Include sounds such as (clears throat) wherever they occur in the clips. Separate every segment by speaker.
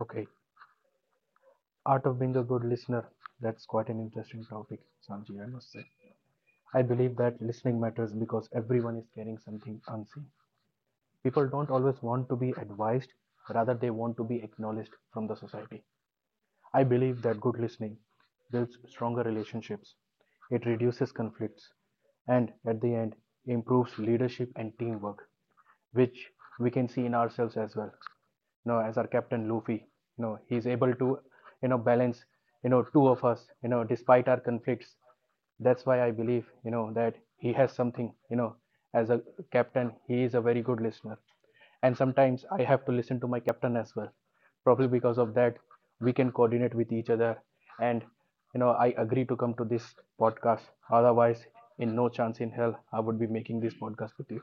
Speaker 1: Okay, art of being a good listener. That's quite an interesting topic, Sanji, I must say. I believe that listening matters because everyone is carrying something unseen. People don't always want to be advised, rather, they want to be acknowledged from the society. I believe that good listening builds stronger relationships, it reduces conflicts, and at the end, improves leadership and teamwork, which we can see in ourselves as well. As our captain Luffy, he's able to balance two of us despite our conflicts. That's why I believe that he has something, as a captain, he is a very good listener, and sometimes I have to listen to my captain as well. Probably because of that, we can coordinate with each other. And I agree to come to this podcast. Otherwise, in no chance in hell, I would be making this podcast with you.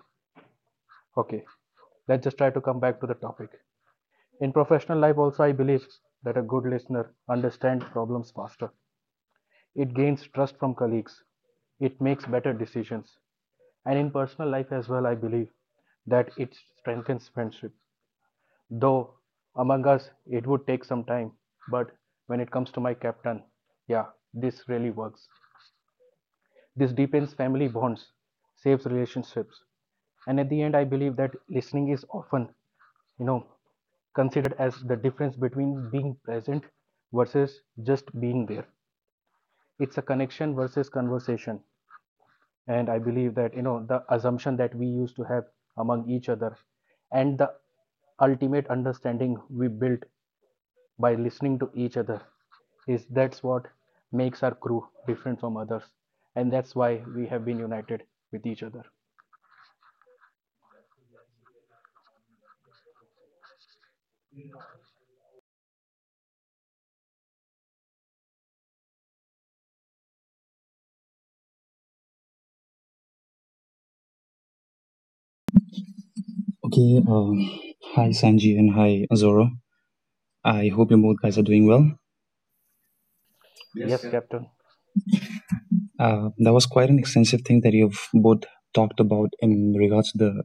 Speaker 1: Okay, let's just try to come back to the topic. In professional life, also, I believe that a good listener understands problems faster. It gains trust from colleagues. It makes better decisions. And in personal life as well, I believe that it strengthens friendship. Though among us it would take some time, but when it comes to my captain, yeah, this really works. This deepens family bonds, saves relationships, and at the end, I believe that listening is often you know, considered as the difference between being present versus just being there. It's a connection versus conversation, and I believe that you know the assumption that we used to have among each other, and the ultimate understanding we built by listening to each other is that's what makes our crew different from others, and that's why we have been united with each other.
Speaker 2: Okay, hi Sanji and hi Azora. I hope you both guys are doing well.
Speaker 1: Yes, Captain.
Speaker 2: That was quite an extensive thing that you've both talked about in regards to the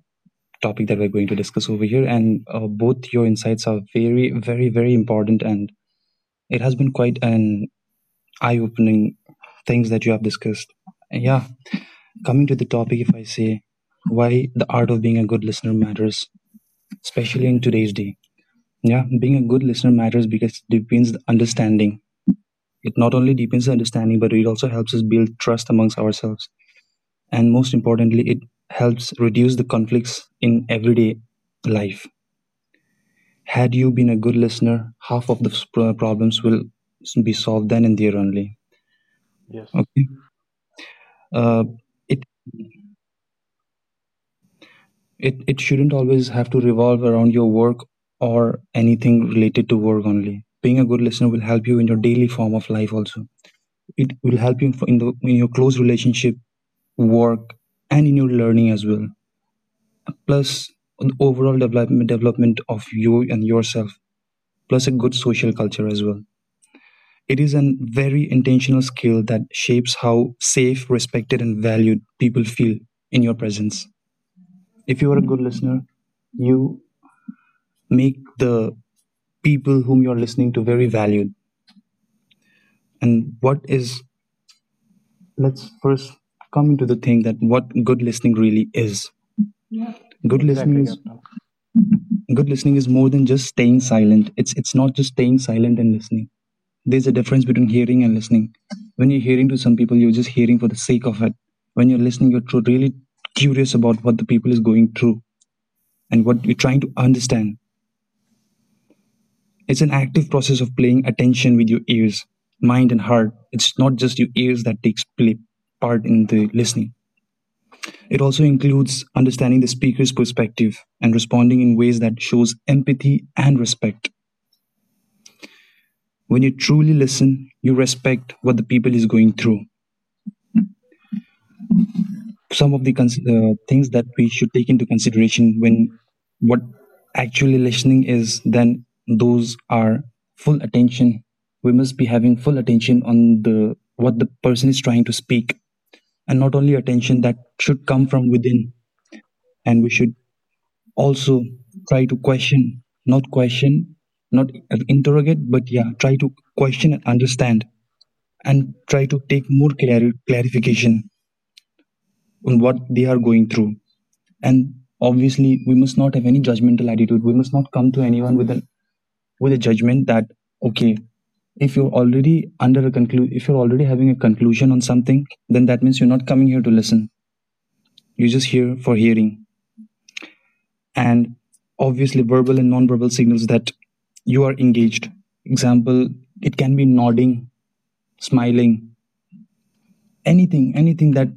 Speaker 2: topic that we're going to discuss over here, and both your insights are very, very, very important, and it has been quite an eye-opening things that you have discussed. And yeah, coming to the topic, if I say why the art of being a good listener matters, especially in today's day. Yeah, being a good listener matters because it not only deepens understanding, but it also helps us build trust amongst ourselves. And most importantly, it helps reduce the conflicts in everyday life. Had you been a good listener, half of the problems will be solved then and there only.
Speaker 1: Yes,
Speaker 2: Okay. Uh, it, it shouldn't always have to revolve around your work or anything related to work only. Being a good listener will help you in your daily form of life also. It will help you in your close relationship, work, and in your learning as well, plus an overall development of you and yourself, plus a good social culture as well. It is a very intentional skill that shapes how safe, respected and valued people feel in your presence. If you are a good listener, you make the people whom you're listening to very valued. And what is let's first come into the thing that what good listening really is. good listening
Speaker 1: exactly,
Speaker 2: is
Speaker 1: Captain.
Speaker 2: good listening is more than just staying silent. It's not just staying silent and listening. There's a difference between hearing and listening. When you're hearing to some people, you're just hearing for the sake of it. When you're listening, you're really curious about what the people is going through and what you're trying to understand. It's an active process of playing attention with your ears, mind, and heart. It's not just your ears that takes play part in the listening. It also includes understanding the speaker's perspective and responding in ways that shows empathy and respect. When you truly listen, you respect what the people is going through. Some of the things that we should take into consideration when what actually listening is, then those are full attention. We must be having full attention on the what the person is trying to speak, and not only attention, that should come from within. And we should also try to question, not question, not interrogate, but yeah, try to question and understand and try to take more clarification on what they are going through. And obviously, we must not have any judgmental attitude. We must not come to anyone with a judgment. That okay, if you're already if you're already having a conclusion on something, then that means you're not coming here to listen, you're just here for hearing. And obviously, verbal and non-verbal signals that you are engaged. Example, it can be nodding, smiling, anything that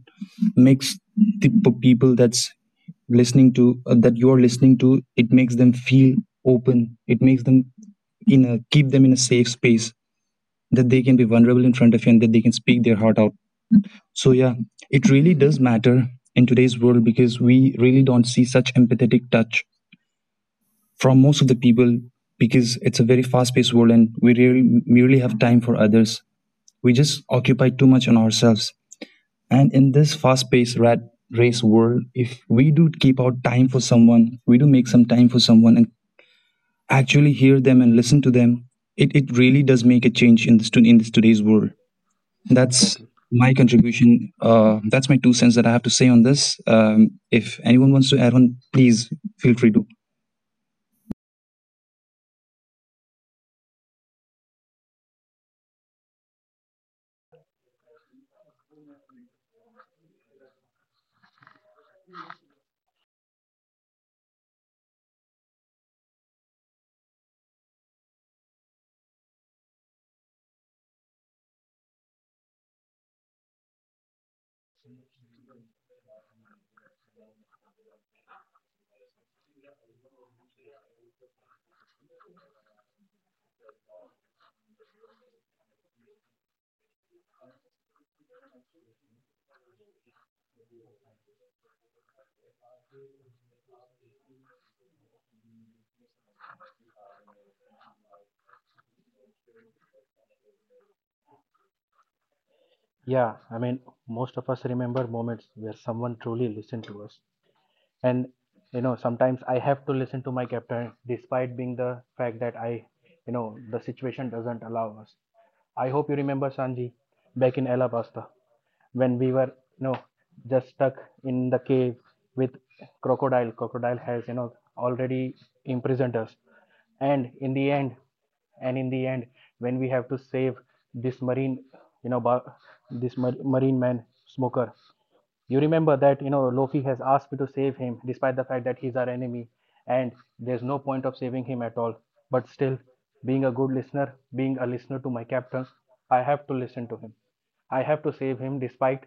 Speaker 2: makes the people that you're listening to, it makes them feel open, it makes them, in a keep them in a safe space that they can be vulnerable in front of you and that they can speak their heart out. So yeah, it really does matter in today's world, because we really don't see such empathetic touch from most of the people, because it's a very fast-paced world and we really merely have time for others. We just occupy too much on ourselves, and in this fast paced rat race world, if we do keep out time for someone, we do make some time for someone and actually hear them and listen to them, it really does make a change in in this today's world. That's
Speaker 1: Exactly.
Speaker 2: my contribution. That's my two cents that I have to say on this. If anyone wants to add on, please feel free to.
Speaker 1: Yeah, I mean most of us remember moments where someone truly listened to us, and sometimes I have to listen to my captain despite being the fact that I you know the situation doesn't allow us. I hope you remember, Sanji, back in Alabasta when we were you know just stuck in the cave with Crocodile. Crocodile has already imprisoned us, and in the end, when we have to save this marine, you know this man Smoker. You remember that, Loki has asked me to save him despite the fact that he's our enemy and there's no point of saving him at all. But still, being a good listener, being a listener to my captain, I have to listen to him. I have to save him despite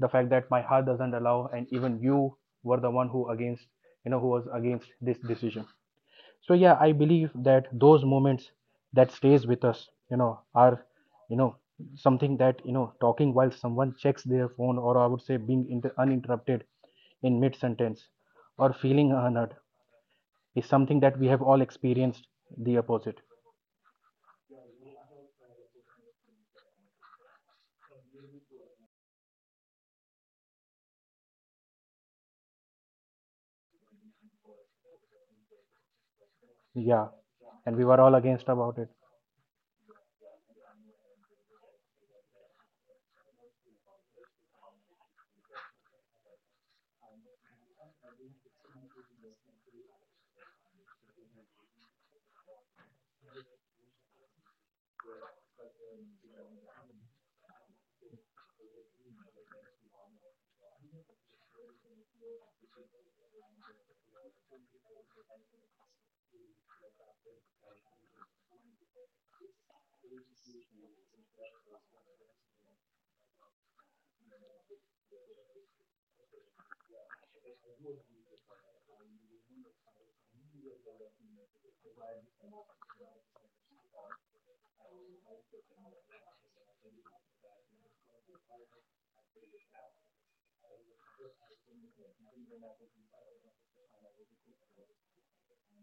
Speaker 1: the fact that my heart doesn't allow, and even you were the one who was against this decision. So yeah, I believe that those moments that stays with us are you know something that talking while someone checks their phone, or I would say being uninterrupted in mid sentence or feeling unheard is something that we have all experienced the opposite. Yeah, and we were all against about it.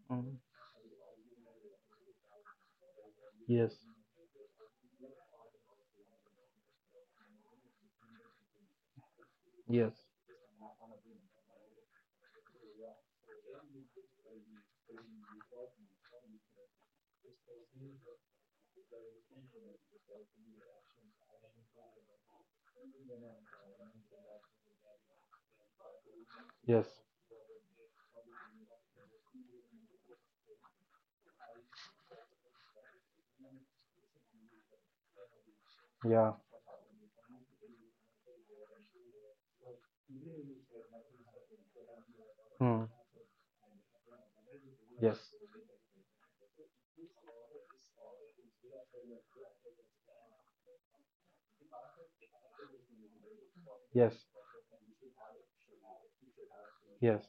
Speaker 1: Mm. Yes, yes, yes. Yeah. Hmm. Yes, yes, yes.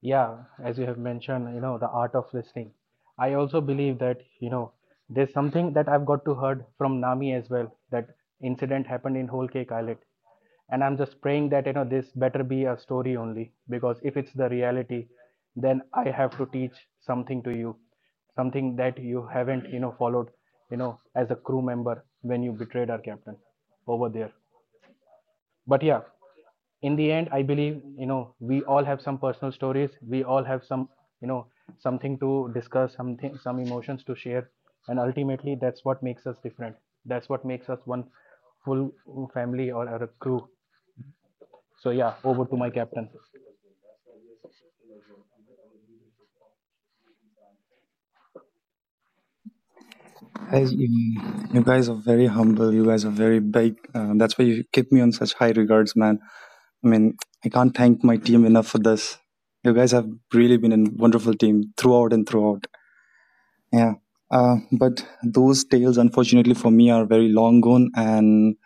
Speaker 1: Yeah, as you have mentioned, the art of listening. I also believe that, there's something that I've got to heard from Nami as well, that incident happened in Whole Cake Island. And I'm just praying that, this better be a story only, because if it's the reality, then I have to teach something to you, something that you haven't, followed, as a crew member when you betrayed our captain over there. But yeah, in the end I believe we all have some personal stories, we all have you know something to discuss, something, some emotions to share, and ultimately that's what makes us different, that's what makes us one full family or a crew. So yeah, over to my captain.
Speaker 2: Guys, you guys are very humble. You guys are very big. That's why you keep me on such high regards, man. I mean, I can't thank my team enough for this. You guys have really been a wonderful team throughout and throughout. Yeah. But those unfortunately long gone, and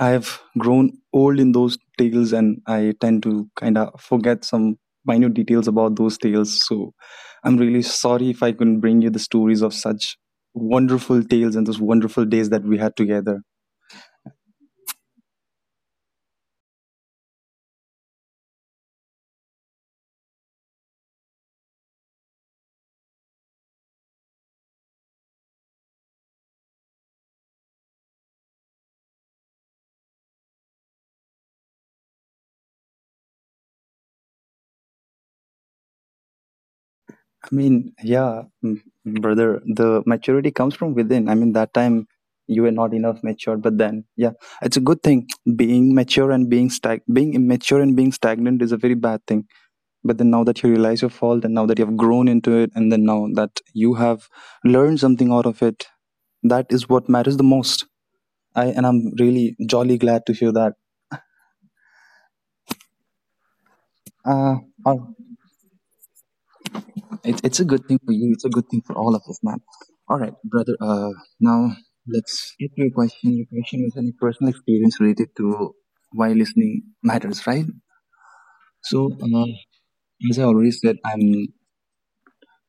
Speaker 2: I have grown old in those tales, and I tend to kind of forget some minute details about those tales. So I'm really sorry if I couldn't bring you the stories of such wonderful tales and those wonderful days that we had together. I mean, yeah, brother, the maturity comes from within. I mean, that time you were not enough matured, but then, yeah, it's a good thing. Being mature and being immature and being stagnant is a very bad thing. But then now that you realize your fault, and now that you have grown into it, and then now that you have learned something out of it, that is what matters the most. I'm really jolly glad to hear that. Uh, it's a good thing for you. It's a good thing for all of us, man. All right, brother. Now let's get to your question. Your question is any personal experience related to why listening matters, right? So, as I already said, I'm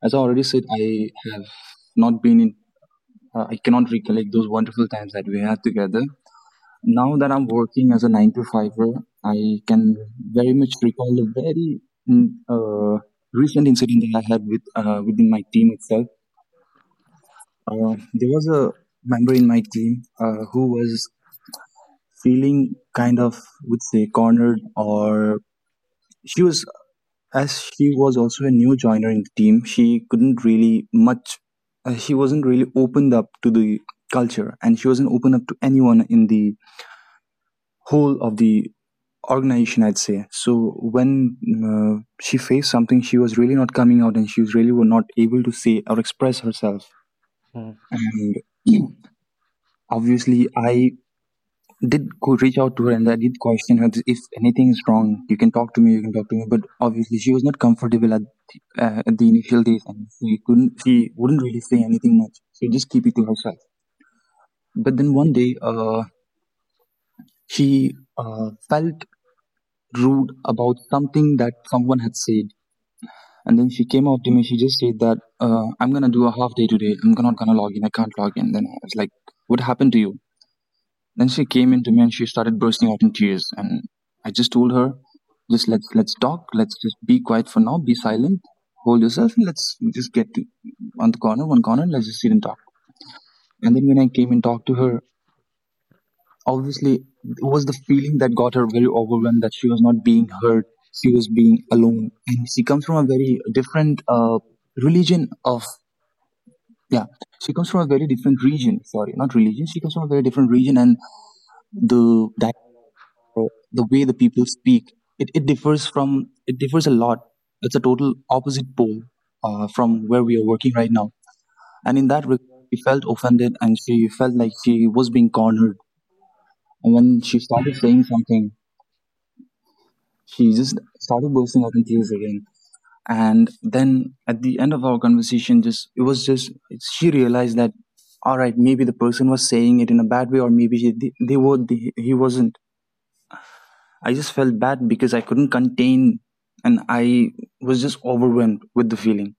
Speaker 2: as I already said, I have not been in. I cannot recollect those wonderful times that we had together. Now that I'm working as a nine to fiver, I can very much recall a very mm, uh, recent incident that I had within my team itself. There was a member in my team, who was feeling kind of, would say, cornered, or she was, as she was also a new joiner in the team, she wasn't really opened up to the culture, and she wasn't open up to anyone in the whole of the organization, I'd say. So when she faced something, she was really not coming out and she was really were not able to say or express herself.
Speaker 1: Hmm,
Speaker 2: And (clears throat) obviously, I did go reach out to her and I did question her if anything is wrong. You can talk to me. You can talk to me. But obviously, she was not comfortable at the initial days, and she couldn't. She wouldn't really say anything much. She just keep it to herself. But then one day, she felt rude about something that someone had said, and then she came out to me. She just said that I'm gonna do a half day today. I'm not gonna log in. I can't log in. Then I was like, "What happened to you?" Then she came into me and she started bursting out in tears. And I just told her, just let's talk. Let's just be quiet for now. Be silent. Hold yourself and let's just get to, on the corner, one corner, and let's just sit and talk. And then when I came and talked to her, obviously it was the feeling that got her very overwhelmed that she was not being heard. She was being alone, and she comes from a very different religion of yeah. She comes from a very different region. Sorry, not religion. She comes from a very different region, and the uh, the way the people speak it, it differs from it differs a lot. It's a total opposite pole from where we are working right now, and in that regard she felt offended and she felt like she was being cornered. And when she started saying something, she just started bursting out in tears again, and then at the end of our conversation, just it was just she realized that all right, maybe the person was saying it in a bad way, or maybe he, they were they, he wasn't. I just felt bad because I couldn't contain and I was just overwhelmed with the feeling.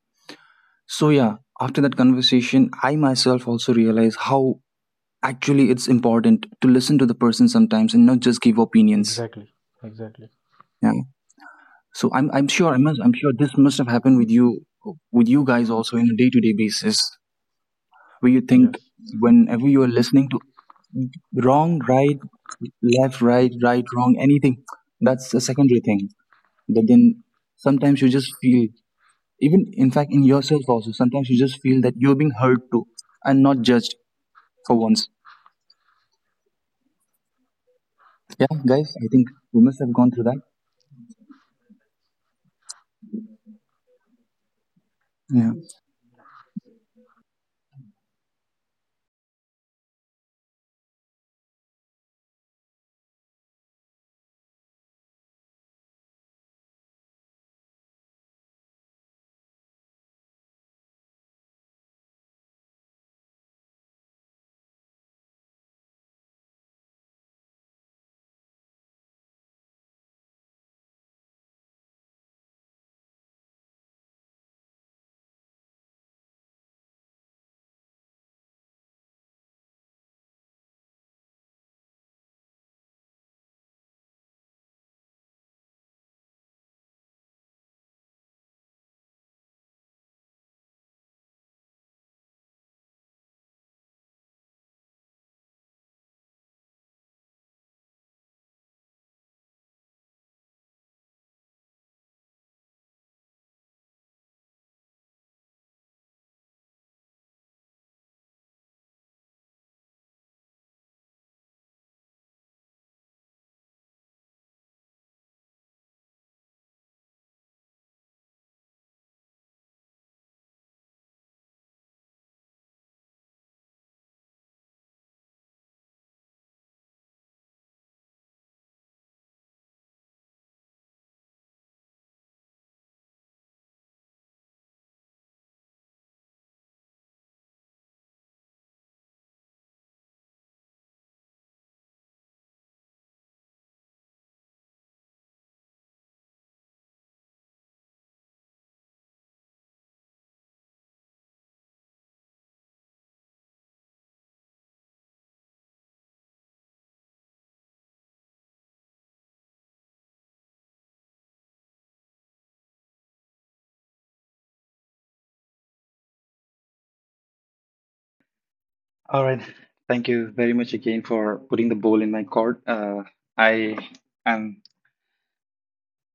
Speaker 2: So, yeah, after that conversation, I myself also realized how actually it's important to listen to the person sometimes and not just give opinions.
Speaker 1: exactly, exactly.
Speaker 2: Yeah. So I'm sure this must have happened with you guys also in a day to day basis, where you think,
Speaker 1: Yes.
Speaker 2: whenever you are listening to wrong, right, left, right, right, wrong, anything, that's a secondary thing. But then sometimes you just feel, even in fact in yourself also, sometimes you just feel that you're being heard too and not judged for once. Yeah, guys, I think we must have gone through that. Yeah. All right. Thank you very much again for putting the ball in my court. I am.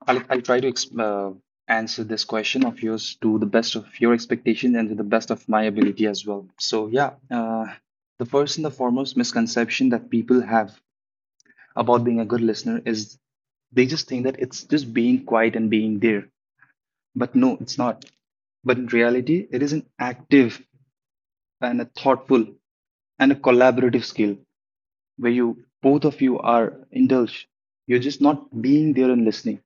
Speaker 2: I'll try to answer this question of yours to the best of your expectation and to the best of my ability as well. So yeah, the first and the foremost misconception that people have about being a good listener is they just think that it's just being quiet and being there. But no, it's not. But in reality, it is an active and a thoughtful and a collaborative skill where you both of you are indulged. You're just not being there and listening,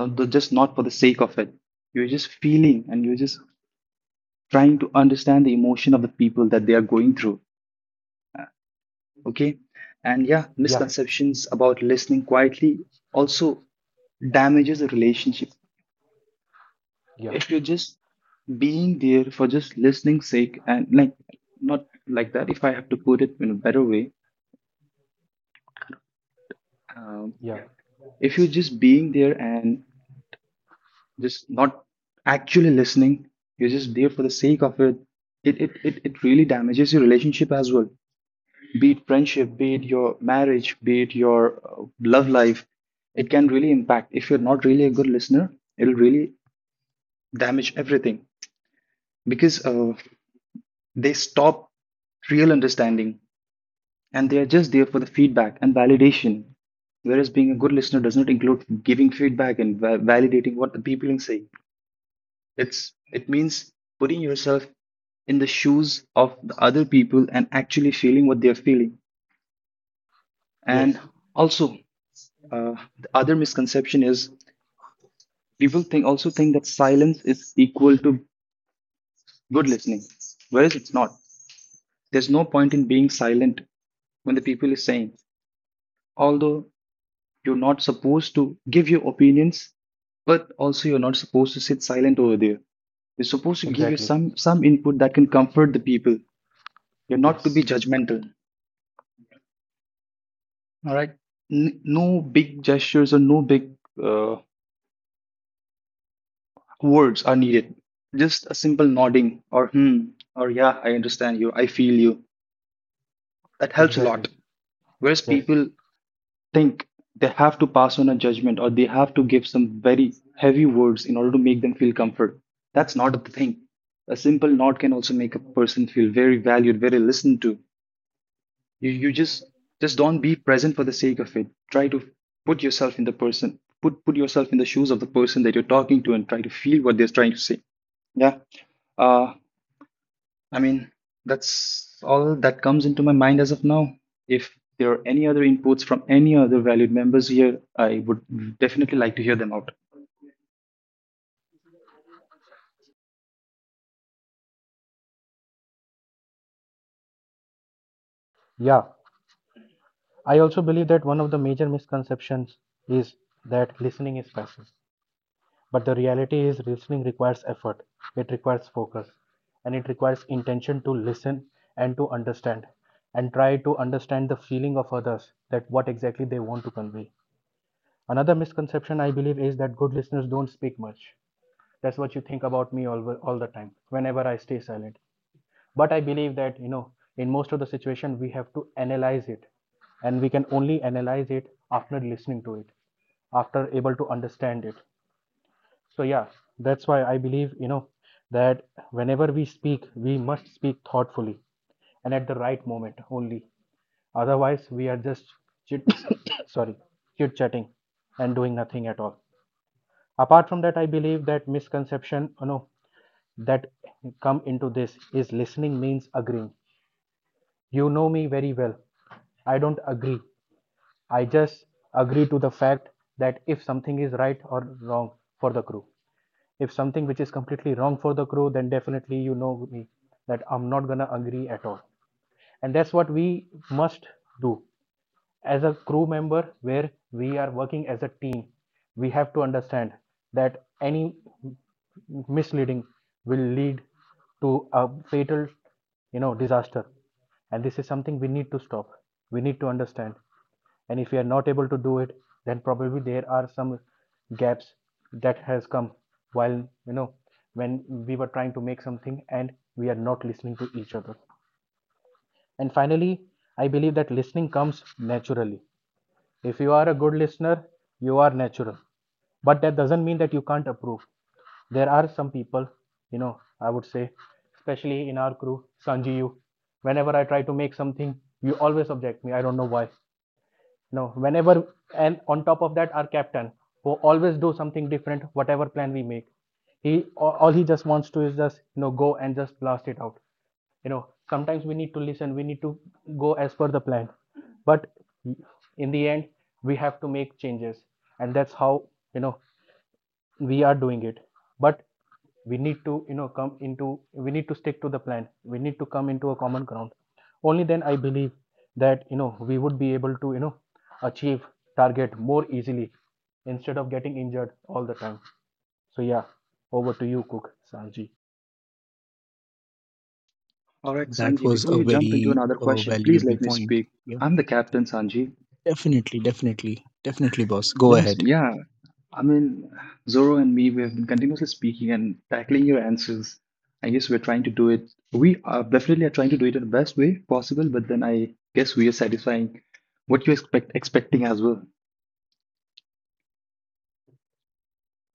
Speaker 2: not the- just not for the sake of it. You're just feeling and you're just trying to understand the emotion of the people that they are going through. Okay, and yeah,
Speaker 1: Yeah,
Speaker 2: misconceptions about listening quietly also damages a relationship
Speaker 1: yeah,
Speaker 2: if you're just being there for just listening sake and like not like that. If I have to put it in a better way, um,
Speaker 1: yeah.
Speaker 2: if you're just being there and just not actually listening, you're just there for the sake of it. It really damages your relationship as well, be it friendship, be it your marriage, be it your love life. It can really impact if you're not really a good listener. It'll really damage everything because they stop real understanding and they are just there for the feedback and validation. Whereas being a good listener does not include giving feedback and validating what the people are saying. It means putting yourself in the shoes of the other people and actually feeling what they are feeling.
Speaker 1: Yes,
Speaker 2: And also, uh, the other misconception is people think also think that silence is equal to good listening, whereas it's not. There's no point in being silent when the people is saying. Although you're not supposed to give your opinions, but also you're not supposed to sit silent over there. You're supposed to give you—
Speaker 1: exactly.
Speaker 2: Exactly. Some input that can comfort the people. You're not
Speaker 1: Yes,
Speaker 2: to be— Yes. —judgmental. All right. N- no big gestures or no big uh, words are needed. Just a simple nodding or hmm or yeah, I understand you. I feel you. That helps a
Speaker 1: exactly.
Speaker 2: lot. Whereas— Yes.
Speaker 1: Yes.
Speaker 2: —people think they have to pass on a judgment or they have to give some very heavy words in order to make them feel comfort. That's not the thing. A simple nod can also make a person feel very valued, very listened to. You just don't be present for the sake of it. Try to put yourself in the person, put yourself in the shoes of the person that you're talking to, and try to feel what they're trying to say. Yeah. Uh, I mean, that's all that comes into my mind as of now. If there are any other inputs from any other valued members here, I would definitely like to hear them out.
Speaker 1: Yeah, I also believe that one of the major misconceptions is that listening is passive. But the reality is, listening requires effort, it requires focus, and it requires intention to listen and to understand and try to understand the feeling of others, that what exactly they want to convey. Another misconception I believe is that good listeners don't speak much. That's what you think about me all the time whenever I stay silent. But I believe that, in most of the situation, we have to analyze it, and we can only analyze it after listening to it, after able to understand it. So yeah, that's why I believe that whenever we speak we must speak thoughtfully and at the right moment only, otherwise we are just chit (coughs) sorry chit chatting and doing nothing at all. Apart from that, I believe that misconception that come into this is listening means agreeing. You know me very well, I don't agree. I just agree to the fact that if something is right or wrong for the crew, if something which is completely wrong for the crew, then definitely you know me that I'm not gonna agree at all. And that's what we must do as a crew member, where we are working as a team, we have to understand that any misleading will lead to a fatal disaster, and this is something we need to stop, we need to understand. And if we are not able to do it, then probably there are some gaps that has come while you know when we were trying to make something and we are not listening to each other. And finally, I believe that listening comes naturally. If you are a good listener, you are natural. But that doesn't mean that you can't approve. There are some people, I would say, especially in our crew, Sanji, you, whenever I try to make something, you always object me. I don't know why. No, whenever and on top of that, our captain who always do something different, whatever plan we make. He he just wants to is just go and just blast it out. Sometimes we need to listen. We need to go as per the plan, but in the end, we have to make changes, and that's how you know we are doing it, but we need to you know come into we need to stick to the plan. We need to come into a common ground, only then I believe that we would be able to achieve target more easily instead of getting injured all the time. So yeah, over to you, cook Sanji.
Speaker 2: All right,
Speaker 3: That
Speaker 2: Sanji,
Speaker 3: was
Speaker 2: before
Speaker 3: a
Speaker 2: you jump into
Speaker 3: very
Speaker 2: another question, please
Speaker 3: valuable
Speaker 2: let me
Speaker 3: point.
Speaker 2: speak.
Speaker 3: Yeah,
Speaker 2: I'm the captain, Sanji.
Speaker 3: definitely, definitely, definitely, boss. Go
Speaker 2: Let me
Speaker 3: ahead.
Speaker 2: yeah, I mean, Zoro and me, we have been continuously speaking and tackling your answers. I guess we're trying to do it. We are definitely are trying to do it in the best way possible, but then I guess we are satisfying what you expecting as well.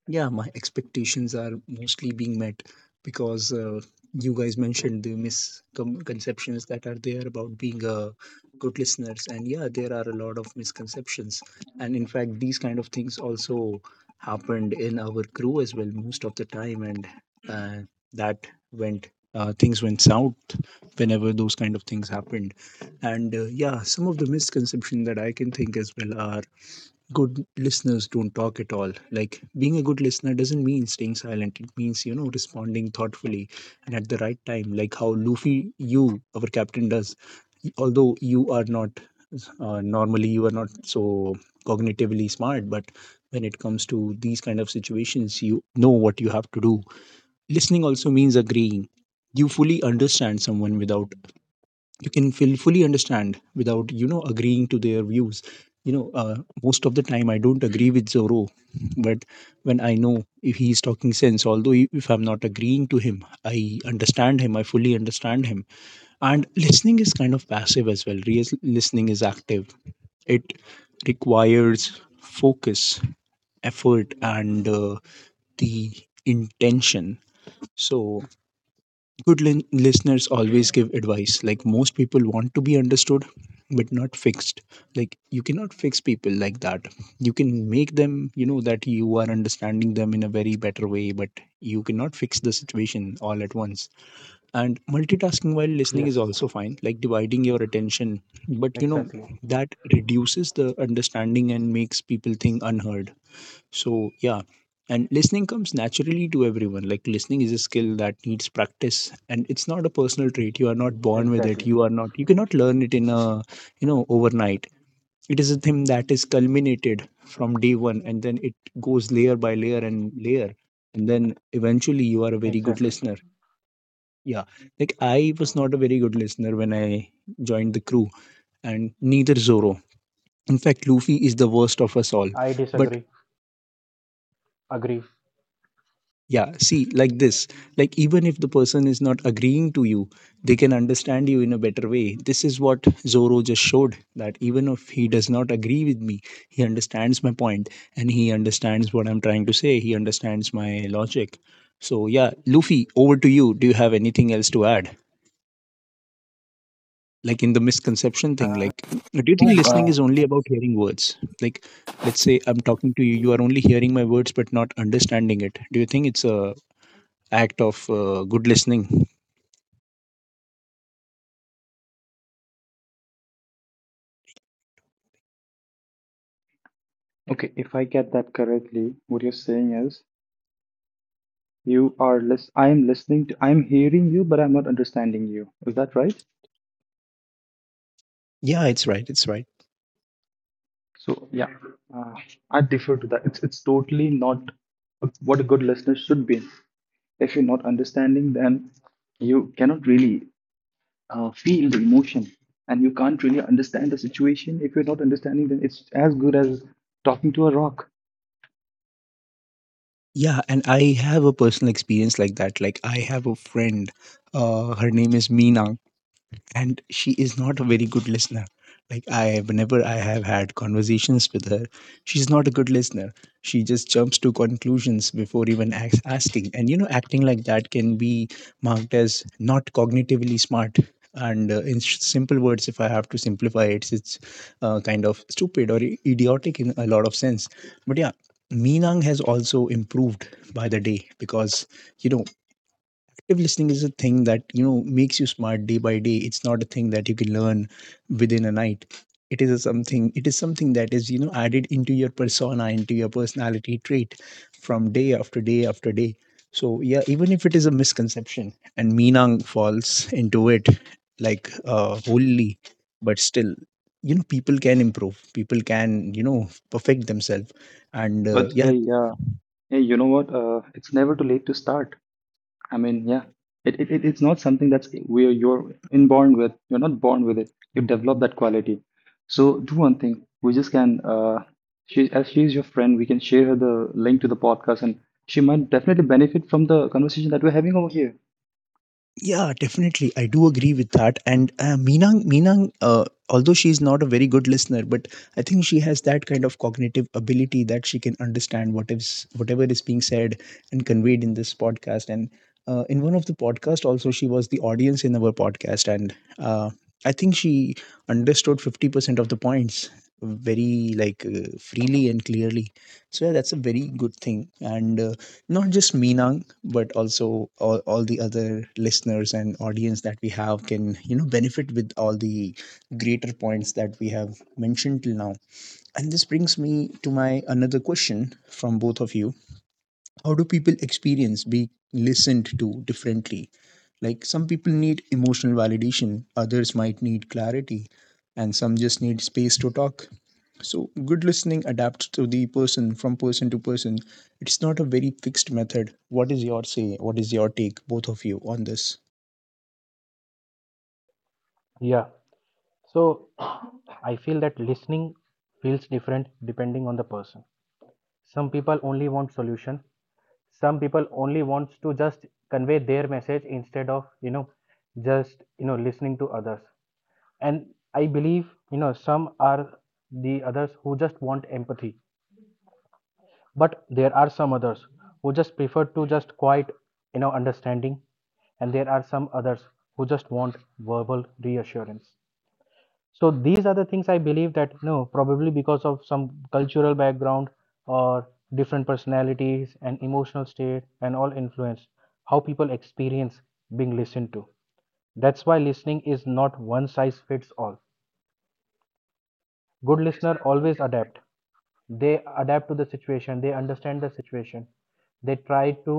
Speaker 3: Yeah, my expectations are mostly being met because you guys mentioned the misconceptions that are there about being a good listeners, and yeah, there are a lot of misconceptions, and in fact, these kind of things also happened in our crew as well most of the time, and uh, that went things went south whenever those kind of things happened, and yeah, some of the misconceptions that I can think as well are good listeners don't talk at all, like being a good listener doesn't mean staying silent, it means, you know, responding thoughtfully and at the right time, like how Luffy, you, our captain does, although you are not normally you are not so cognitively smart, but when it comes to these kind of situations, you know what you have to do. Listening also means agreeing, you fully understand someone without, you can feel fully understand without, you know, agreeing to their views, you know. Most of the time I don't agree with Zorro, but when I know if he is talking sense, although if I'm not agreeing to him, I understand him, I fully understand him. And listening is kind of passive as well, real listening is active, it requires focus, effort and the intention. So Good listeners always give advice. Like most people want to be understood, but not fixed. Like you cannot fix people like that. You can make them, you know, that you are understanding them in a very better way, but you cannot fix the situation all at once. And multitasking while listening is
Speaker 1: Yes,
Speaker 3: also fine, like dividing your attention. But you know,
Speaker 1: exactly,
Speaker 3: that reduces the understanding and makes people think unheard. So, yeah. And listening comes naturally to everyone. Like, listening is a skill that needs practice and it's not a personal trait. You are not born with it.
Speaker 1: exactly,
Speaker 3: You are not, you cannot learn it in a, you know, overnight. It is a thing that is culminated from day one and then it goes layer by layer and layer. And then eventually you are a very good
Speaker 1: exactly.
Speaker 3: listener. Yeah. Like, I was not a very good listener when I joined the crew and neither Zoro. In fact, Luffy is the worst of us all.
Speaker 1: I
Speaker 3: But
Speaker 1: disagree agree.
Speaker 3: yeah, see, like this, like even if the person is not agreeing to you, they can understand you in a better way. This is what Zoro just showed, that even if he does not agree with me, he understands my point and he understands what I'm trying to say. He understands my logic. So, yeah, Luffy, over to you. Do you have anything else to add? Like in the misconception thing, like, do you think listening is only about hearing words? Like, let's say I'm talking to you, you are only hearing my words but not understanding it. Do you think it's a act of good listening?
Speaker 2: Okay, if I get that correctly, what you're saying is you are lis I am listening to— I'm hearing you, but I'm not understanding you. Is that right?
Speaker 3: Yeah, it's right. It's right.
Speaker 2: So yeah, uh, I defer to that. It's totally not what a good listener should be. If you're not understanding, then you cannot really feel the emotion, and you can't really understand the situation. If you're not understanding, then it's as good as talking to a rock.
Speaker 3: Yeah, and I have a personal experience like that. Like I have a friend, her name is Meena, and she is not a very good listener. Like I, whenever I have had conversations with her, she's not a good listener. She just jumps to conclusions before even asking, and you know, acting like that can be marked as not cognitively smart. And simple words, if I have to simplify it, it's kind of stupid or idiotic in a lot of sense. But yeah, Minang has also improved by the day, because you know active listening is a thing that, you know, makes you smart day by day. It's not a thing that you can learn within a night. It is a something, it is something that is, you know, added into your persona, into your personality trait from day after day after day. So yeah, even if it is a misconception and Minang falls into it like wholly, but still, you know, people can improve, people can, you know, perfect themselves. And
Speaker 2: But
Speaker 3: yeah,
Speaker 2: hey, yeah, hey, you know what? It's never too late to start. I mean, yeah, it's not something that's where you're inborn with. You're not born with it. You develop that quality. So do one thing. We just can, she as she's your friend, we can share her
Speaker 3: Şimdi.
Speaker 2: the link to the podcast, and she might definitely benefit from the conversation that we're having over here.
Speaker 3: Yeah, definitely. I do agree with that. And Meenang, Meenang, although she's not a very good listener, but I think she has that kind of cognitive ability that she can understand what is whatever is being said and conveyed in this podcast. And in one of the podcast, also she was the audience in our podcast, and I think she understood 50% of the points very like freely and clearly. So yeah, that's a very good thing. And not just Meenang, but also all the other listeners and audience that we have can, you know, benefit with all the greater points that we have mentioned till now. And this brings me to my another question from both of you. How do people experience being listened to differently? Like some people need emotional validation, others might need clarity, and some just need space to talk. So, good listening adapts to the person from person to person. It's not a very fixed method. What is your say? What is your take, both of you, on this?
Speaker 1: Yeah, so I feel that listening feels different depending on the person. Some people only want solution, some people only wants to just convey their message instead of just listening to others, and I believe some are the others who just want empathy, but there are some others who just prefer to just quiet understanding, and there are some others who just want verbal reassurance. So these are the things I believe that, no, probably because of some cultural background or different personalities and emotional state and all influence how people experience being listened to. That's why listening is not one size fits all. Good listener always adapt, they adapt to the situation, they understand the situation, they try to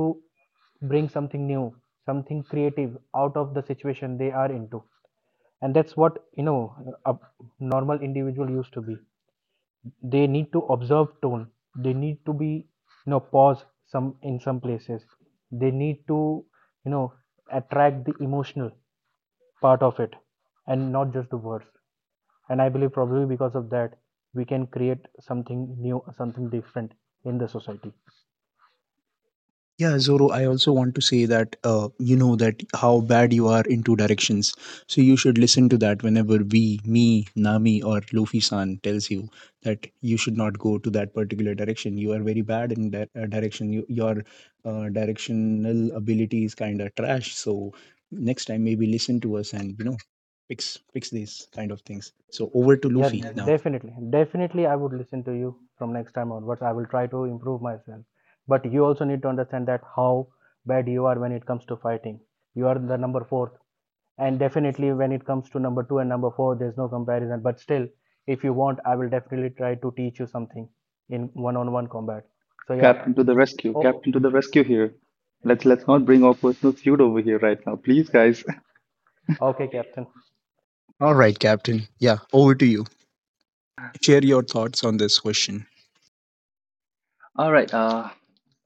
Speaker 1: bring something new, something creative out of the situation they are into, and that's what a normal individual used to be. They need to observe tone, they need to be you know pause some in some places, they need to you know attract the emotional part of it and not just the words, and I believe probably because of that we can create something new, something different in the society.
Speaker 3: Yeah, Zoro, I also want to say that you know that how bad you are in two directions. So you should listen to that whenever we, me, Nami, or Luffy san tells you that you should not go to that particular direction. You are very bad in that direction. You, your directional ability is kind of trash. So next time, maybe listen to us and, you know, fix these kind of things. So over to
Speaker 1: Yeah,
Speaker 3: Luffy now.
Speaker 1: definitely. Definitely, I would listen to you from next time onwards. I will try to improve myself. But you also need to understand that how bad you are when it comes to fighting. You are the number fourth. And definitely, when it comes to number two and number four, there's no comparison. But still, if you want, I will definitely try to teach you something in one on one combat. So, yeah.
Speaker 2: Captain to the rescue.
Speaker 1: Oh,
Speaker 2: Captain to the rescue here. Let's not bring our personal feud over here right now, please, guys.
Speaker 1: okay, Captain.
Speaker 3: All right, Captain. Yeah, over to you. Share your thoughts on this question.
Speaker 2: All right.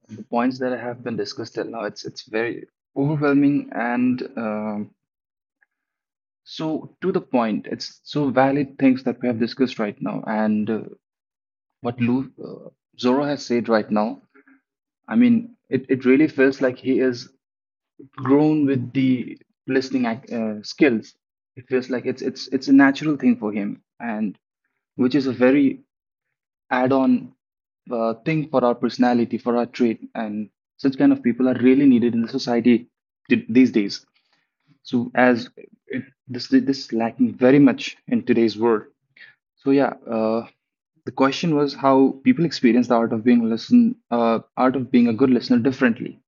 Speaker 2: The points that have been discussed till now, it's very overwhelming and um— So, to the point, it's so valid things that we have discussed right now, and what Lu Zoro has said right now. I mean, it really feels like he is grown with the listening skills. It feels like it's a natural thing for him, and which is a very add-on thing for our personality, for our trait, and such kind of people are really needed in the society these days. So, as it, this is lacking very much in today's world. So yeah, the question was how people experience the art of being art of being a good listener differently.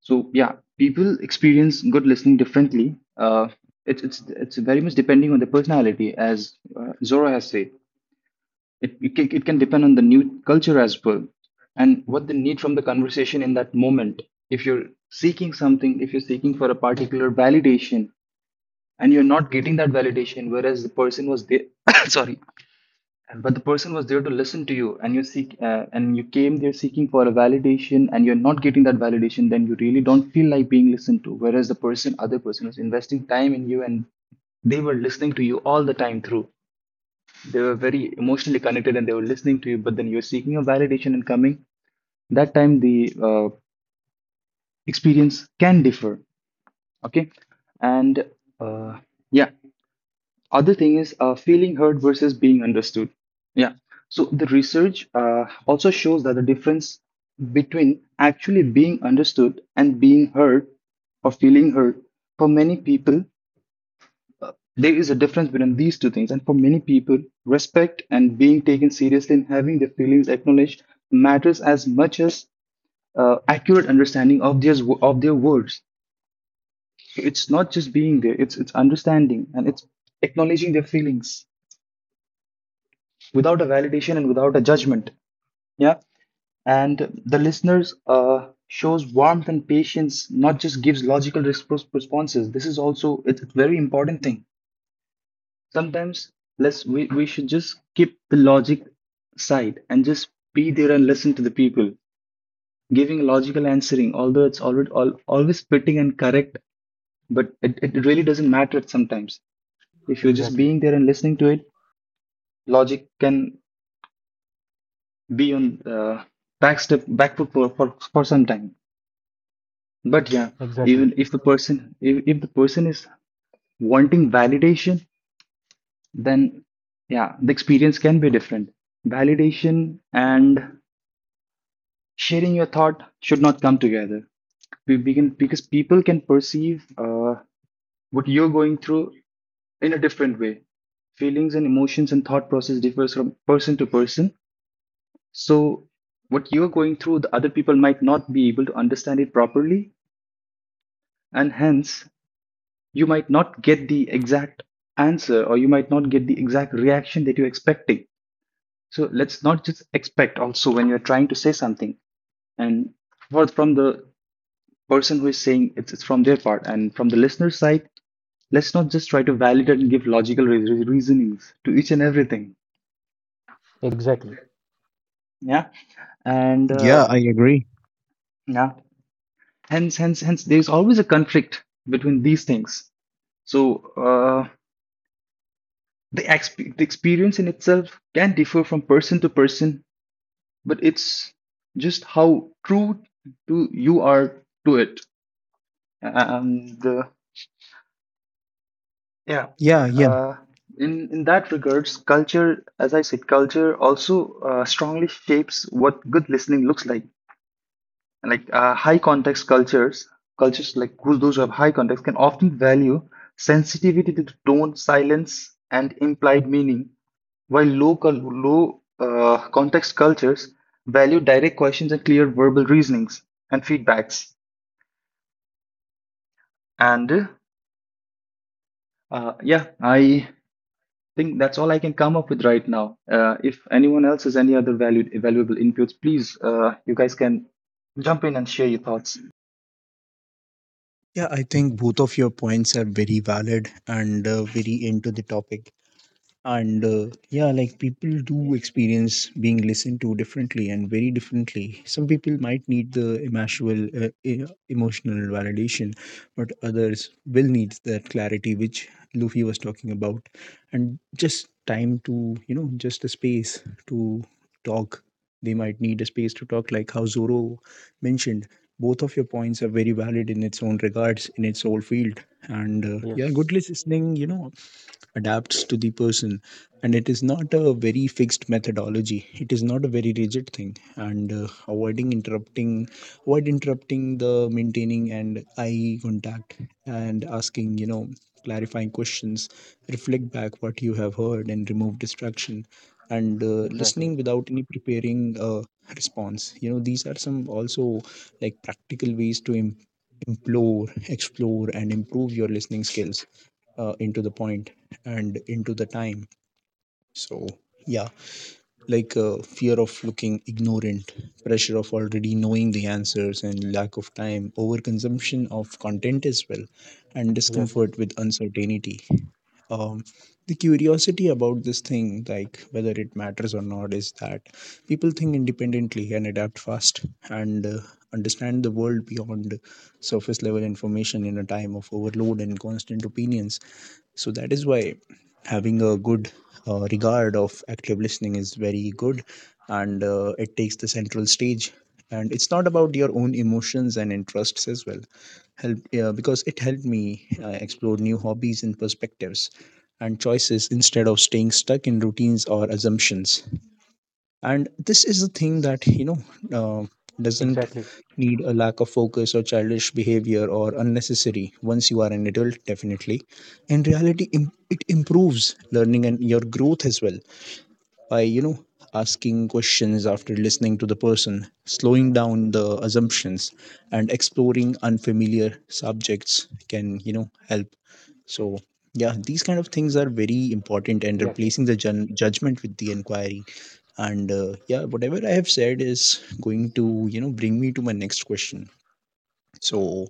Speaker 2: So yeah, people experience good listening differently. It's very much depending on the personality, as Zora has said. It can depend on the new culture as well, and what they need from the conversation in that moment. If you're seeking something, if you're seeking for a particular validation, and you're not getting that validation, whereas the person was there, (coughs) sorry. And but the person was there to listen to you, and you seek, and you came there seeking for a validation, and you're not getting that validation, then you really don't feel like being listened to. Whereas the person, other person, was investing time in you, and they were listening to you all the time through. They were very emotionally connected, and they were listening to you. But then you're seeking a validation and coming. That time the uh, experience can differ. Okay, and uh, yeah, other thing is feeling heard versus being understood. Yeah, so the research also shows that the difference between actually being understood and being heard or feeling heard, for many people there is a difference between these two things. And for many people, respect and being taken seriously and having their feelings acknowledged matters as much as accurate understanding of their words. So it's not just being there, it's understanding and it's acknowledging their feelings without a validation and without a judgment. Yeah. And the listeners shows warmth and patience, not just gives logical responses. This is also, it's a very important thing sometimes. Let's We, should just keep the logic side and just be there and listen to the people giving logical answering. Although it's always all always fitting and correct, but it really doesn't matter sometimes. If you're just
Speaker 1: Exactly.
Speaker 2: being there and listening to it, logic can be on back step, back foot for some time. But yeah,
Speaker 1: Exactly.
Speaker 2: even if the person, if the person is wanting validation, then yeah, the experience can be different. Validation and sharing your thought should not come together. We begin because people can perceive what you're going through in a different way. Feelings and emotions and thought process differs from person to person. So what you're going through, the other people might not be able to understand it properly, and hence you might not get the exact answer, or you might not get the exact reaction that you're expecting. So let's not just expect also when you're trying to say something and from the person who is saying, it's from their part. And from the listener's side, let's not just try to validate and give logical reasonings to each and everything.
Speaker 1: Exactly.
Speaker 2: Exactly. Yeah, and
Speaker 3: Yeah, I agree.
Speaker 2: yeah, hence there's always a conflict between these things. So the, exp- the experience in itself can differ from person to person, but it's just how true to you are to it. And yeah,
Speaker 3: Yeah, yeah.
Speaker 2: uh, in that regards, culture, as I said, culture also strongly shapes what good listening looks like. Like high context cultures, cultures like those who have high context can often value sensitivity to tone, silence and implied meaning, while low cul- low context cultures value direct questions and clear verbal reasonings and feedbacks. And yeah, I think that's all I can come up with right now. If anyone else has any other valued valuable inputs, please you guys can jump in and share your thoughts.
Speaker 3: Yeah, I think both of your points are very valid and very into the topic. And yeah, like people do experience being listened to differently, and very differently. Some people might need the emotional emotional validation, but others will need that clarity which Luffy was talking about, and just time to, you know, just a space to talk. They might need a space to talk, like how Zoro mentioned. Both of your points are very valid in its own regards, in its own field. And yeah,
Speaker 1: Yes.
Speaker 3: good listening, you know, adapts to the person and it is not a very fixed methodology, it is not a very rigid thing. And avoiding interrupting, avoid interrupting, the maintaining and eye contact and asking, you know, clarifying questions, reflect back what you have heard and remove distraction, and
Speaker 1: Exactly.
Speaker 3: listening without any preparing response, you know, these are some also like practical ways to implore, explore and improve your listening skills into the point and into the time. So yeah, like fear of looking ignorant, pressure of already knowing the answers and lack of time, overconsumption of content as well, and
Speaker 1: Yes.
Speaker 3: discomfort with uncertainty, um, the curiosity about this thing, like whether it matters or not, is that people think independently and adapt fast and understand the world beyond surface level information in a time of overload and constant opinions. So that is why having a good regard of active listening is very good. And it takes the central stage and it's not about your own emotions and interests as well. Help, yeah, because it helped me explore new hobbies and perspectives and choices instead of staying stuck in routines or assumptions. And this is the thing that, you know, uh, doesn't
Speaker 1: Exactly.
Speaker 3: need a lack of focus or childish behavior or unnecessary once you are an adult. Definitely in reality, it improves learning and your growth as well by, you know, asking questions after listening to the person, slowing down the assumptions and exploring unfamiliar subjects can, you know, help. So yeah, these kind of things are very important, and
Speaker 1: Yes.
Speaker 3: replacing the judgment with the inquiry. And yeah, whatever I have said is going to, you know, bring me to my next question. So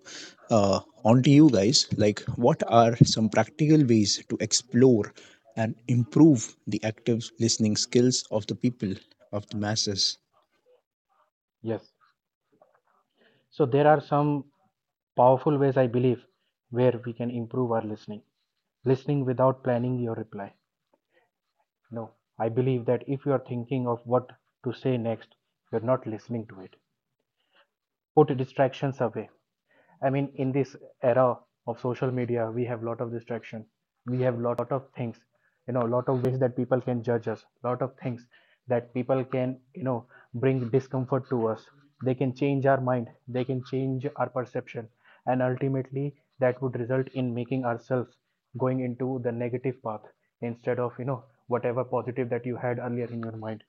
Speaker 3: uh, on to you guys, like what are some practical ways to explore and improve the active listening skills of the people, of the masses?
Speaker 1: Yes. So there are some powerful ways I believe where we can improve our listening. Listening without planning your reply. No, I believe that if you are thinking of what to say next, you're not listening to it. Put distractions away. I mean, in this era of social media, we have a lot of distraction. We have a lot of things, a lot of ways that people can judge us, a lot of things that people can, bring discomfort to us. They can change our mind, they can change our perception, and ultimately that would result in making ourselves going into the negative path instead of, whatever positive that you had earlier in your mind.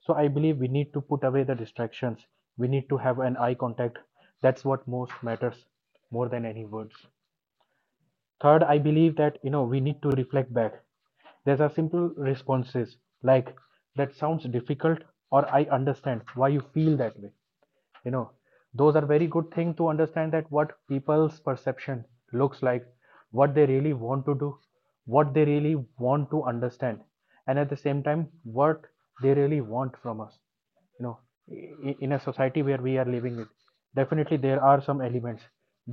Speaker 1: So I believe we need to put away the distractions. We need to have an eye contact. That's what most matters more than any words. Third, I believe that we need to reflect back. There's a simple responses like that sounds difficult or I understand why you feel that way. You know, those are very good thing to understand that what people's perception looks like, what they really want to do, what they really want to understand, and at the same time what they really want from us, you know in a society where we are living. It definitely, there are some elements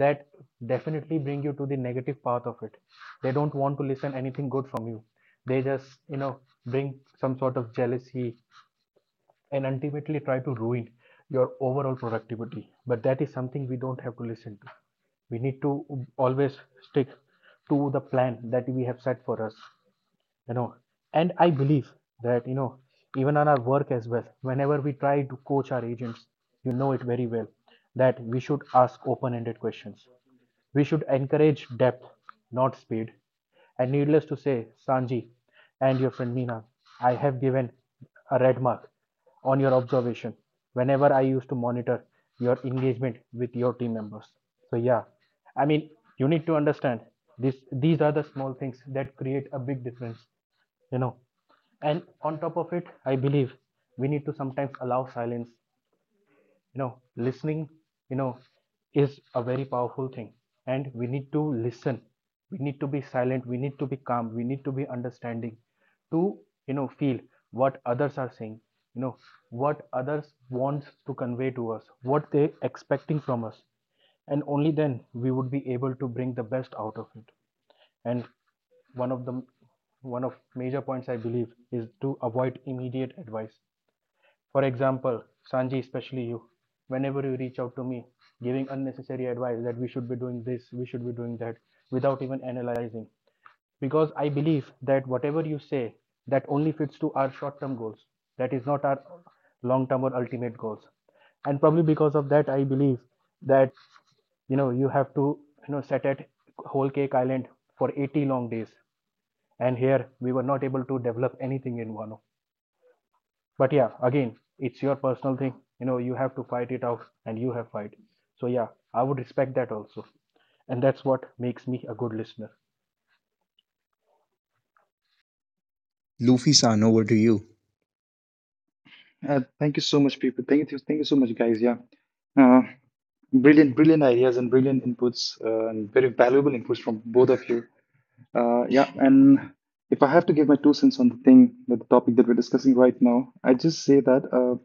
Speaker 1: that definitely bring you to the negative path of it. They don't want to listen anything good from you. They just, bring some sort of jealousy and ultimately try to ruin your overall productivity. But that is something we don't have to listen to. We need to always stick to the plan that we have set for us, you know and I believe that, even on our work as well, whenever we try to coach our agents, it very well that we should ask open-ended questions. We should encourage depth not speed. And needless to say, Sanji and your friend Meena, I have given a red mark on your observation whenever I used to monitor your engagement with your team members. So yeah, I mean, you need to understand this these are the small things that create a big difference, you know. And on top of it, I believe we need to sometimes allow silence. Listening, you know is a very powerful thing. And we need to listen, we need to be silent, we need to be calm, we need to be understanding, to feel what others are saying, you know what others wants to convey to us, what they expecting from us. And only then we would be able to bring the best out of it. And one of the one of major points I believe is to avoid immediate advice. For example, Sanji, especially you, whenever you reach out to me giving unnecessary advice that we should be doing this, we should be doing that without even analyzing. Because I believe that whatever you say, that only fits to our short term goals. That is not our long term or ultimate goals. And probably because of that, I believe that, you have to, set at whole cake island for 80 long days and here we were not able to develop anything in one. But yeah, again, it's your personal thing, you have to fight it out and you have fight. So yeah, I would respect that also. And that's what makes me a good listener.
Speaker 3: Luffy san, over to you.
Speaker 2: Thank you so much, people. Thank you so much, guys. Yeah, uh, brilliant, brilliant ideas and brilliant inputs and very valuable inputs from both of you. Yeah, and if I have to give my two cents on the thing, the topic that we're discussing right now, I just say that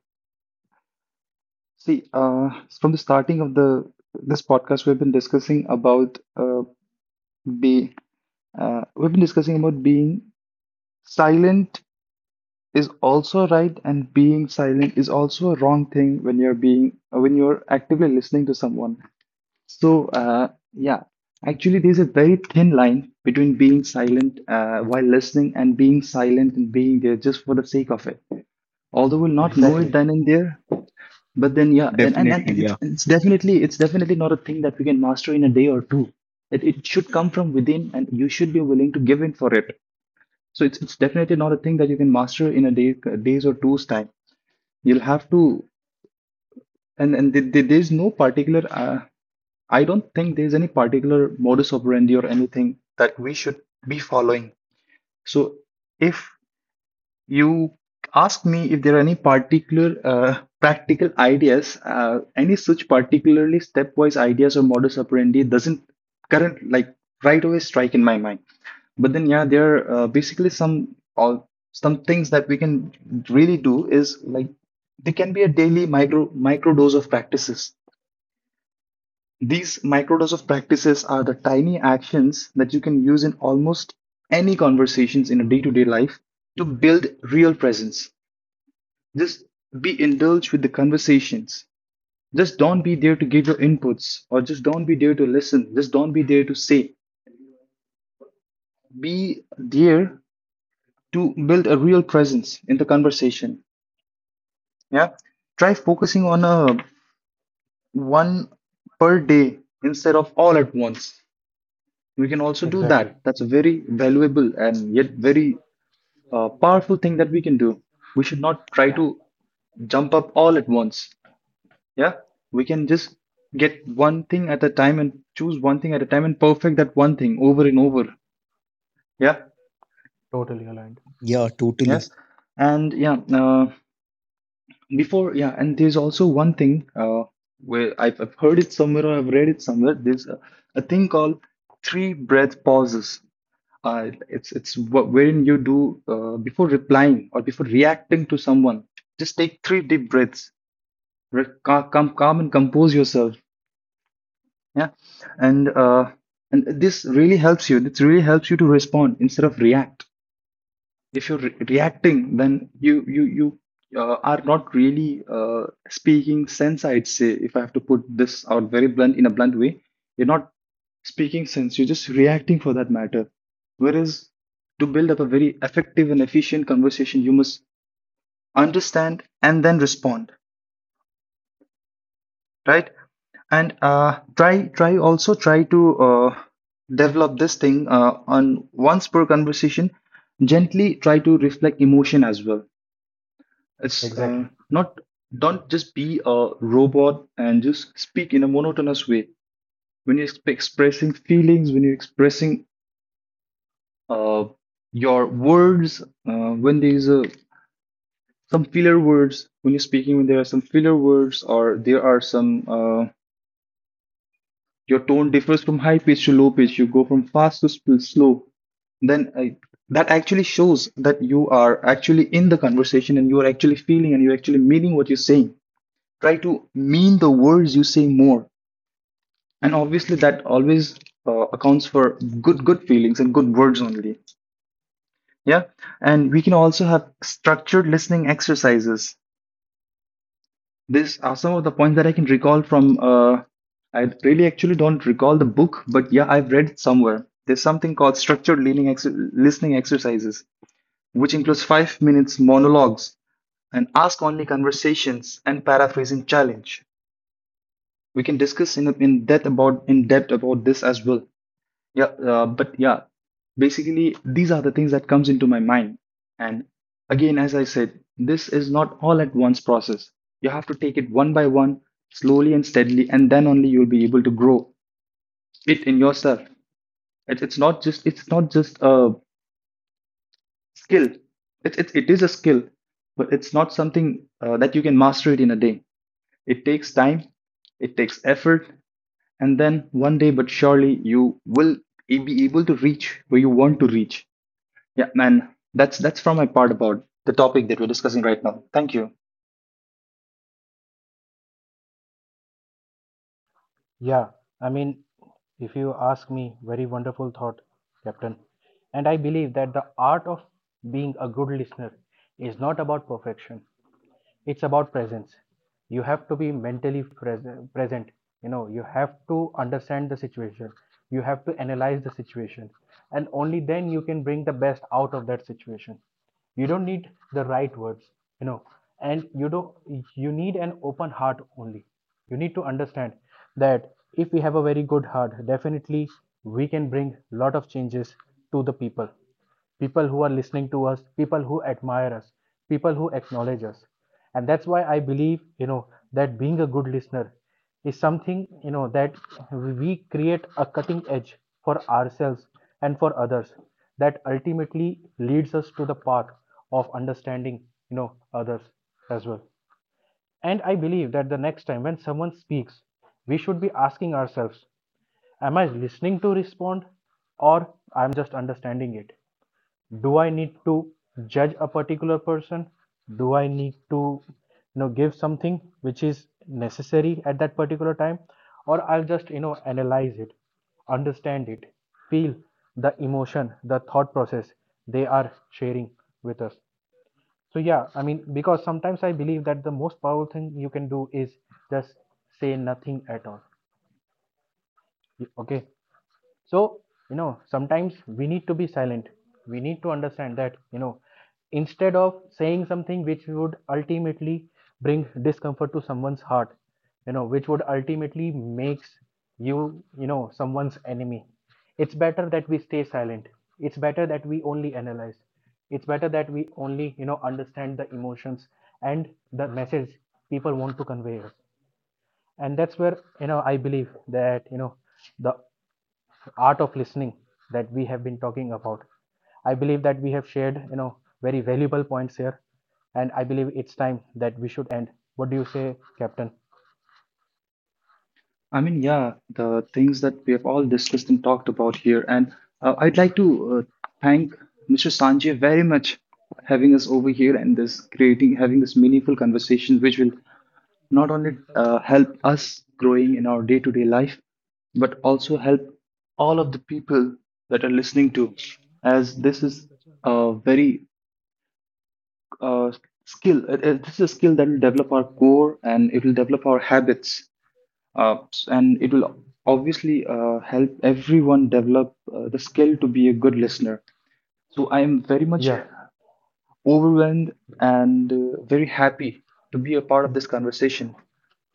Speaker 2: see, from the starting of the this podcast, we've been discussing about be we've been discussing about being silent is also right and being silent is also a wrong thing when you're being when you're actively listening to someone. So yeah, actually there's a very thin line between being silent while listening and being silent and being there just for the sake of it, although we'll not know it exactly
Speaker 1: Exactly.
Speaker 2: then and there. But then yeah, and
Speaker 3: Definitely, yeah.
Speaker 2: it's definitely not a thing that we can master in a day or two. It should come from within and you should be willing to give in for it. So it's definitely not a thing that you can master in a day days or two's time. You'll have to, and there's no particular. I don't think there's any particular modus operandi or anything that we should be following. So if you asked me if there are any particular practical ideas, any such particularly stepwise ideas or modus operandi doesn't current like right away strike in my mind. But then yeah, there are basically some all some things that we can really do is like they can be a daily micro dose of practices. These micro dose of practices are the tiny actions that you can use in almost any conversations in a day-to-day life to build real presence. Just be indulged with the conversations. Just don't be there to give your inputs or just don't be there to listen. Just don't be there to say. Be there to build a real presence in the conversation. Yeah. Try focusing on a one per day instead of all at once. We can also do
Speaker 1: Exactly.
Speaker 2: that. That's a very valuable and yet very powerful thing that we can do. We should not try
Speaker 1: Yeah,
Speaker 2: to jump up all at once. Yeah, we can just get one thing at a time and choose one thing at a time and perfect that one thing over and over. Yeah,
Speaker 1: totally aligned.
Speaker 3: Yeah, totally.
Speaker 2: yes. And yeah, before, yeah, and there's also one thing where I've heard it somewhere or I've read it somewhere. There's a thing called three breath pauses. Wherein you do before replying or before reacting to someone, just take three deep breaths. Calm, calm and compose yourself. Yeah. And uh, and this really helps you. This really helps you to respond instead of react. If you're reacting, then you are not really speaking sense, I'd say, if I have to put this out very blunt in a blunt way, you're not speaking sense, you're just reacting for that matter. Whereas to build up a very effective and efficient conversation, you must understand and then respond, right? And try also try to develop this thing on once per conversation, gently try to reflect emotion as well. It's
Speaker 1: Exactly.
Speaker 2: not don't just be a robot and just speak in a monotonous way when you're expressing feelings, when you're expressing uh, your words, when there's a some filler words when you're speaking, when there are some filler words or there are some your tone differs from high pitch to low pitch. You go from fast to slow. Then I, that actually shows that you are actually in the conversation and you are actually feeling and you're actually meaning what you're saying. Try to mean the words you say more. And obviously, that always accounts for good, good feelings and good words only. Yeah. And we can also have structured listening exercises. These are some of the points that I can recall from. I really actually don't recall the book, but yeah, I've read it somewhere. There's something called structured listening exercises, which includes 5 minutes monologues and ask only conversations and paraphrasing challenge. We can discuss in depth about this as well. Yeah, but yeah, basically these are the things that comes into my mind. And again, as I said, this is not all at once process. You have to take it one by one, slowly and steadily, and then only you'll be able to grow it in yourself. It's not just a skill. It is a skill, but it's not something that you can master it in a day. It takes time, it takes effort, and then one day, but surely you will be able to reach where you want to reach. Yeah, man, that's from my part about the topic that we're discussing right now. Thank you.
Speaker 1: Yeah, I mean, if you ask me, very wonderful thought, Captain. And I believe that the art of being a good listener is not about perfection, it's about presence. You have to be mentally present, you have to understand the situation, you have to analyze the situation, and only then you can bring the best out of that situation. You don't need the right words, you know and you don't you need an open heart only. You need to understand that if we have a very good heart, definitely we can bring a lot of changes to the people, people who are listening to us, people who admire us, people who acknowledge us. And that's why I believe, that being a good listener is something, that we create a cutting edge for ourselves and for others that ultimately leads us to the path of understanding, others as well. And I believe that the next time when someone speaks, we should be asking ourselves, am I listening to respond or I'm just understanding it? Do I need to judge a particular person? Do I need to, give something which is necessary at that particular time? Or I'll just, analyze it, understand it, feel the emotion, the thought process they are sharing with us. So yeah, I mean, because sometimes I believe that the most powerful thing you can do is just say nothing at all. Okay, so, sometimes we need to be silent. We need to understand that, instead of saying something which would ultimately bring discomfort to someone's heart, which would ultimately makes you, you know someone's enemy. It's better that we stay silent. It's better that we only analyze. It's better that we only, understand the emotions and the message people want to convey us. And that's where, I believe that, the art of listening that we have been talking about. I believe that we have shared, very valuable points here, and I believe it's time that we should end. What do you say, Captain?
Speaker 2: I mean, yeah, the things that we have all discussed and talked about here, and I'd like to thank Mr. Sanjay very much for having us over here and this creating having this meaningful conversation, which will not only help us growing in our day-to-day life, but also help all of the people that are listening to, as this is a very uh, skill. This is a skill that will develop our core and it will develop our habits. Uh, and it will obviously help everyone develop the skill to be a good listener. So I am very much,
Speaker 1: Yeah,
Speaker 2: yeah, overwhelmed and very happy to be a part of this conversation.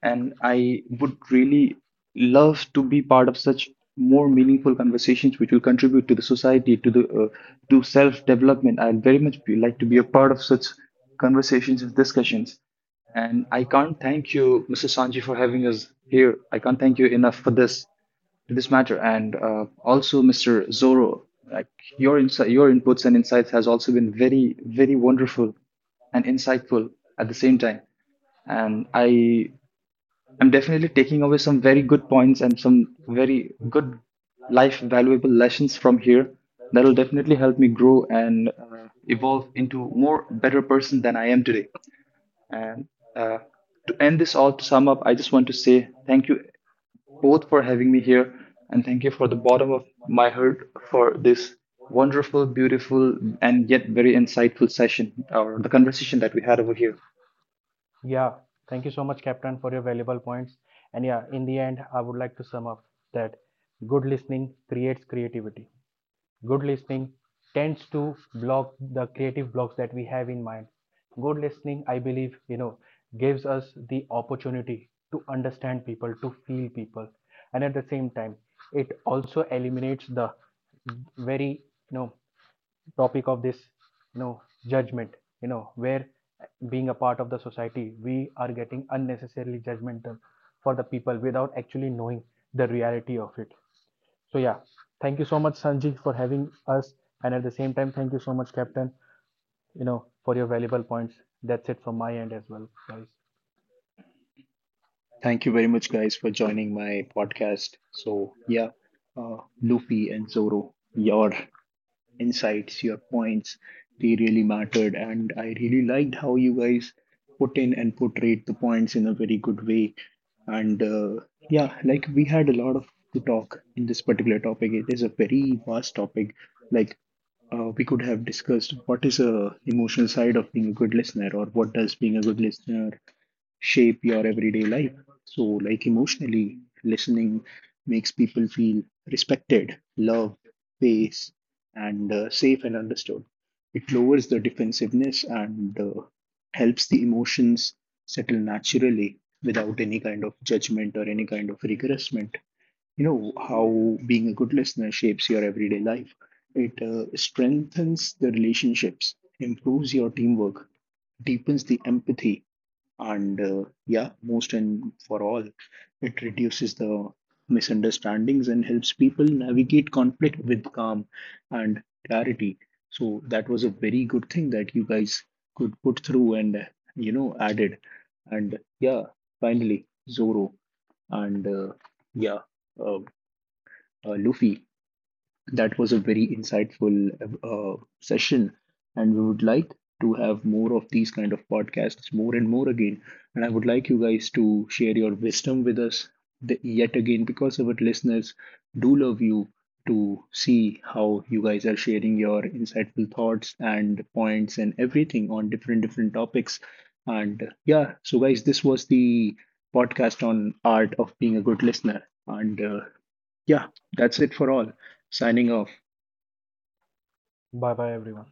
Speaker 2: And I would really love to be part of such more meaningful conversations which will contribute to the society, to the to self-development. I'd very much like to be a part of such conversations and discussions. And I can't thank you, Mr. Sanji, for having us here. I can't thank you enough for this to this matter. And also, Mr. Zorro, like your insight, your inputs and insights has also been very, very wonderful and insightful at the same time. And I am definitely taking away some very good points and some very good life valuable lessons from here that will definitely help me grow and evolve into more better person than I am today. And uh, to end this all, to sum up, I just want to say thank you both for having me here and thank you for the bottom of my heart for this wonderful, beautiful, and yet very insightful session or the conversation that we had over here.
Speaker 1: yeah. Thank you so much, Captain, for your valuable points. And yeah, in the end, I would like to sum up that good listening creates creativity. Good listening tends to block the creative blocks that we have in mind. Good listening, I believe, gives us the opportunity to understand people, to feel people. And at the same time, it also eliminates the very, you know topic of this, you know judgment, where being a part of the society we are getting unnecessarily judgmental for the people without actually knowing the reality of it. So yeah, thank you so much, Sanji, for having us. And at the same time, thank you so much, Captain, for your valuable points. That's it from my end as well, guys.
Speaker 2: Thank you very much, guys, for joining my podcast. So, yeah, Luffy and Zoro, your insights, your points, they really mattered. And I really liked how you guys put in and portrayed the points in a very good way. And yeah, like we had a lot of to talk in this particular topic. It is a very vast topic. Like we could have discussed what is a emotional side of being a good listener, or what does being a good listener shape your everyday life. So, like emotionally, listening makes people feel respected, loved, safe, and understood. It lowers the defensiveness and helps the emotions settle naturally without any kind of judgment or any kind of regressment. You know how being a good listener shapes your everyday life. It strengthens the relationships, improves your teamwork, deepens the empathy, and yeah, most and for all, it reduces the misunderstandings and helps people navigate conflict with calm and clarity. So that was a very good thing that you guys could put through and you know, added. And yeah, finally Zoro and yeah uh, Luffy, that was a very insightful session, and we would like to have more of these kind of podcasts more and more again. And I would like you guys to share your wisdom with us the, yet again, because our listeners do love you to see how you guys are sharing your insightful thoughts and points and everything on different different topics. And yeah, so guys, this was the podcast on art of being a good listener. And yeah, that's it for all. Signing off.
Speaker 1: Bye bye, everyone.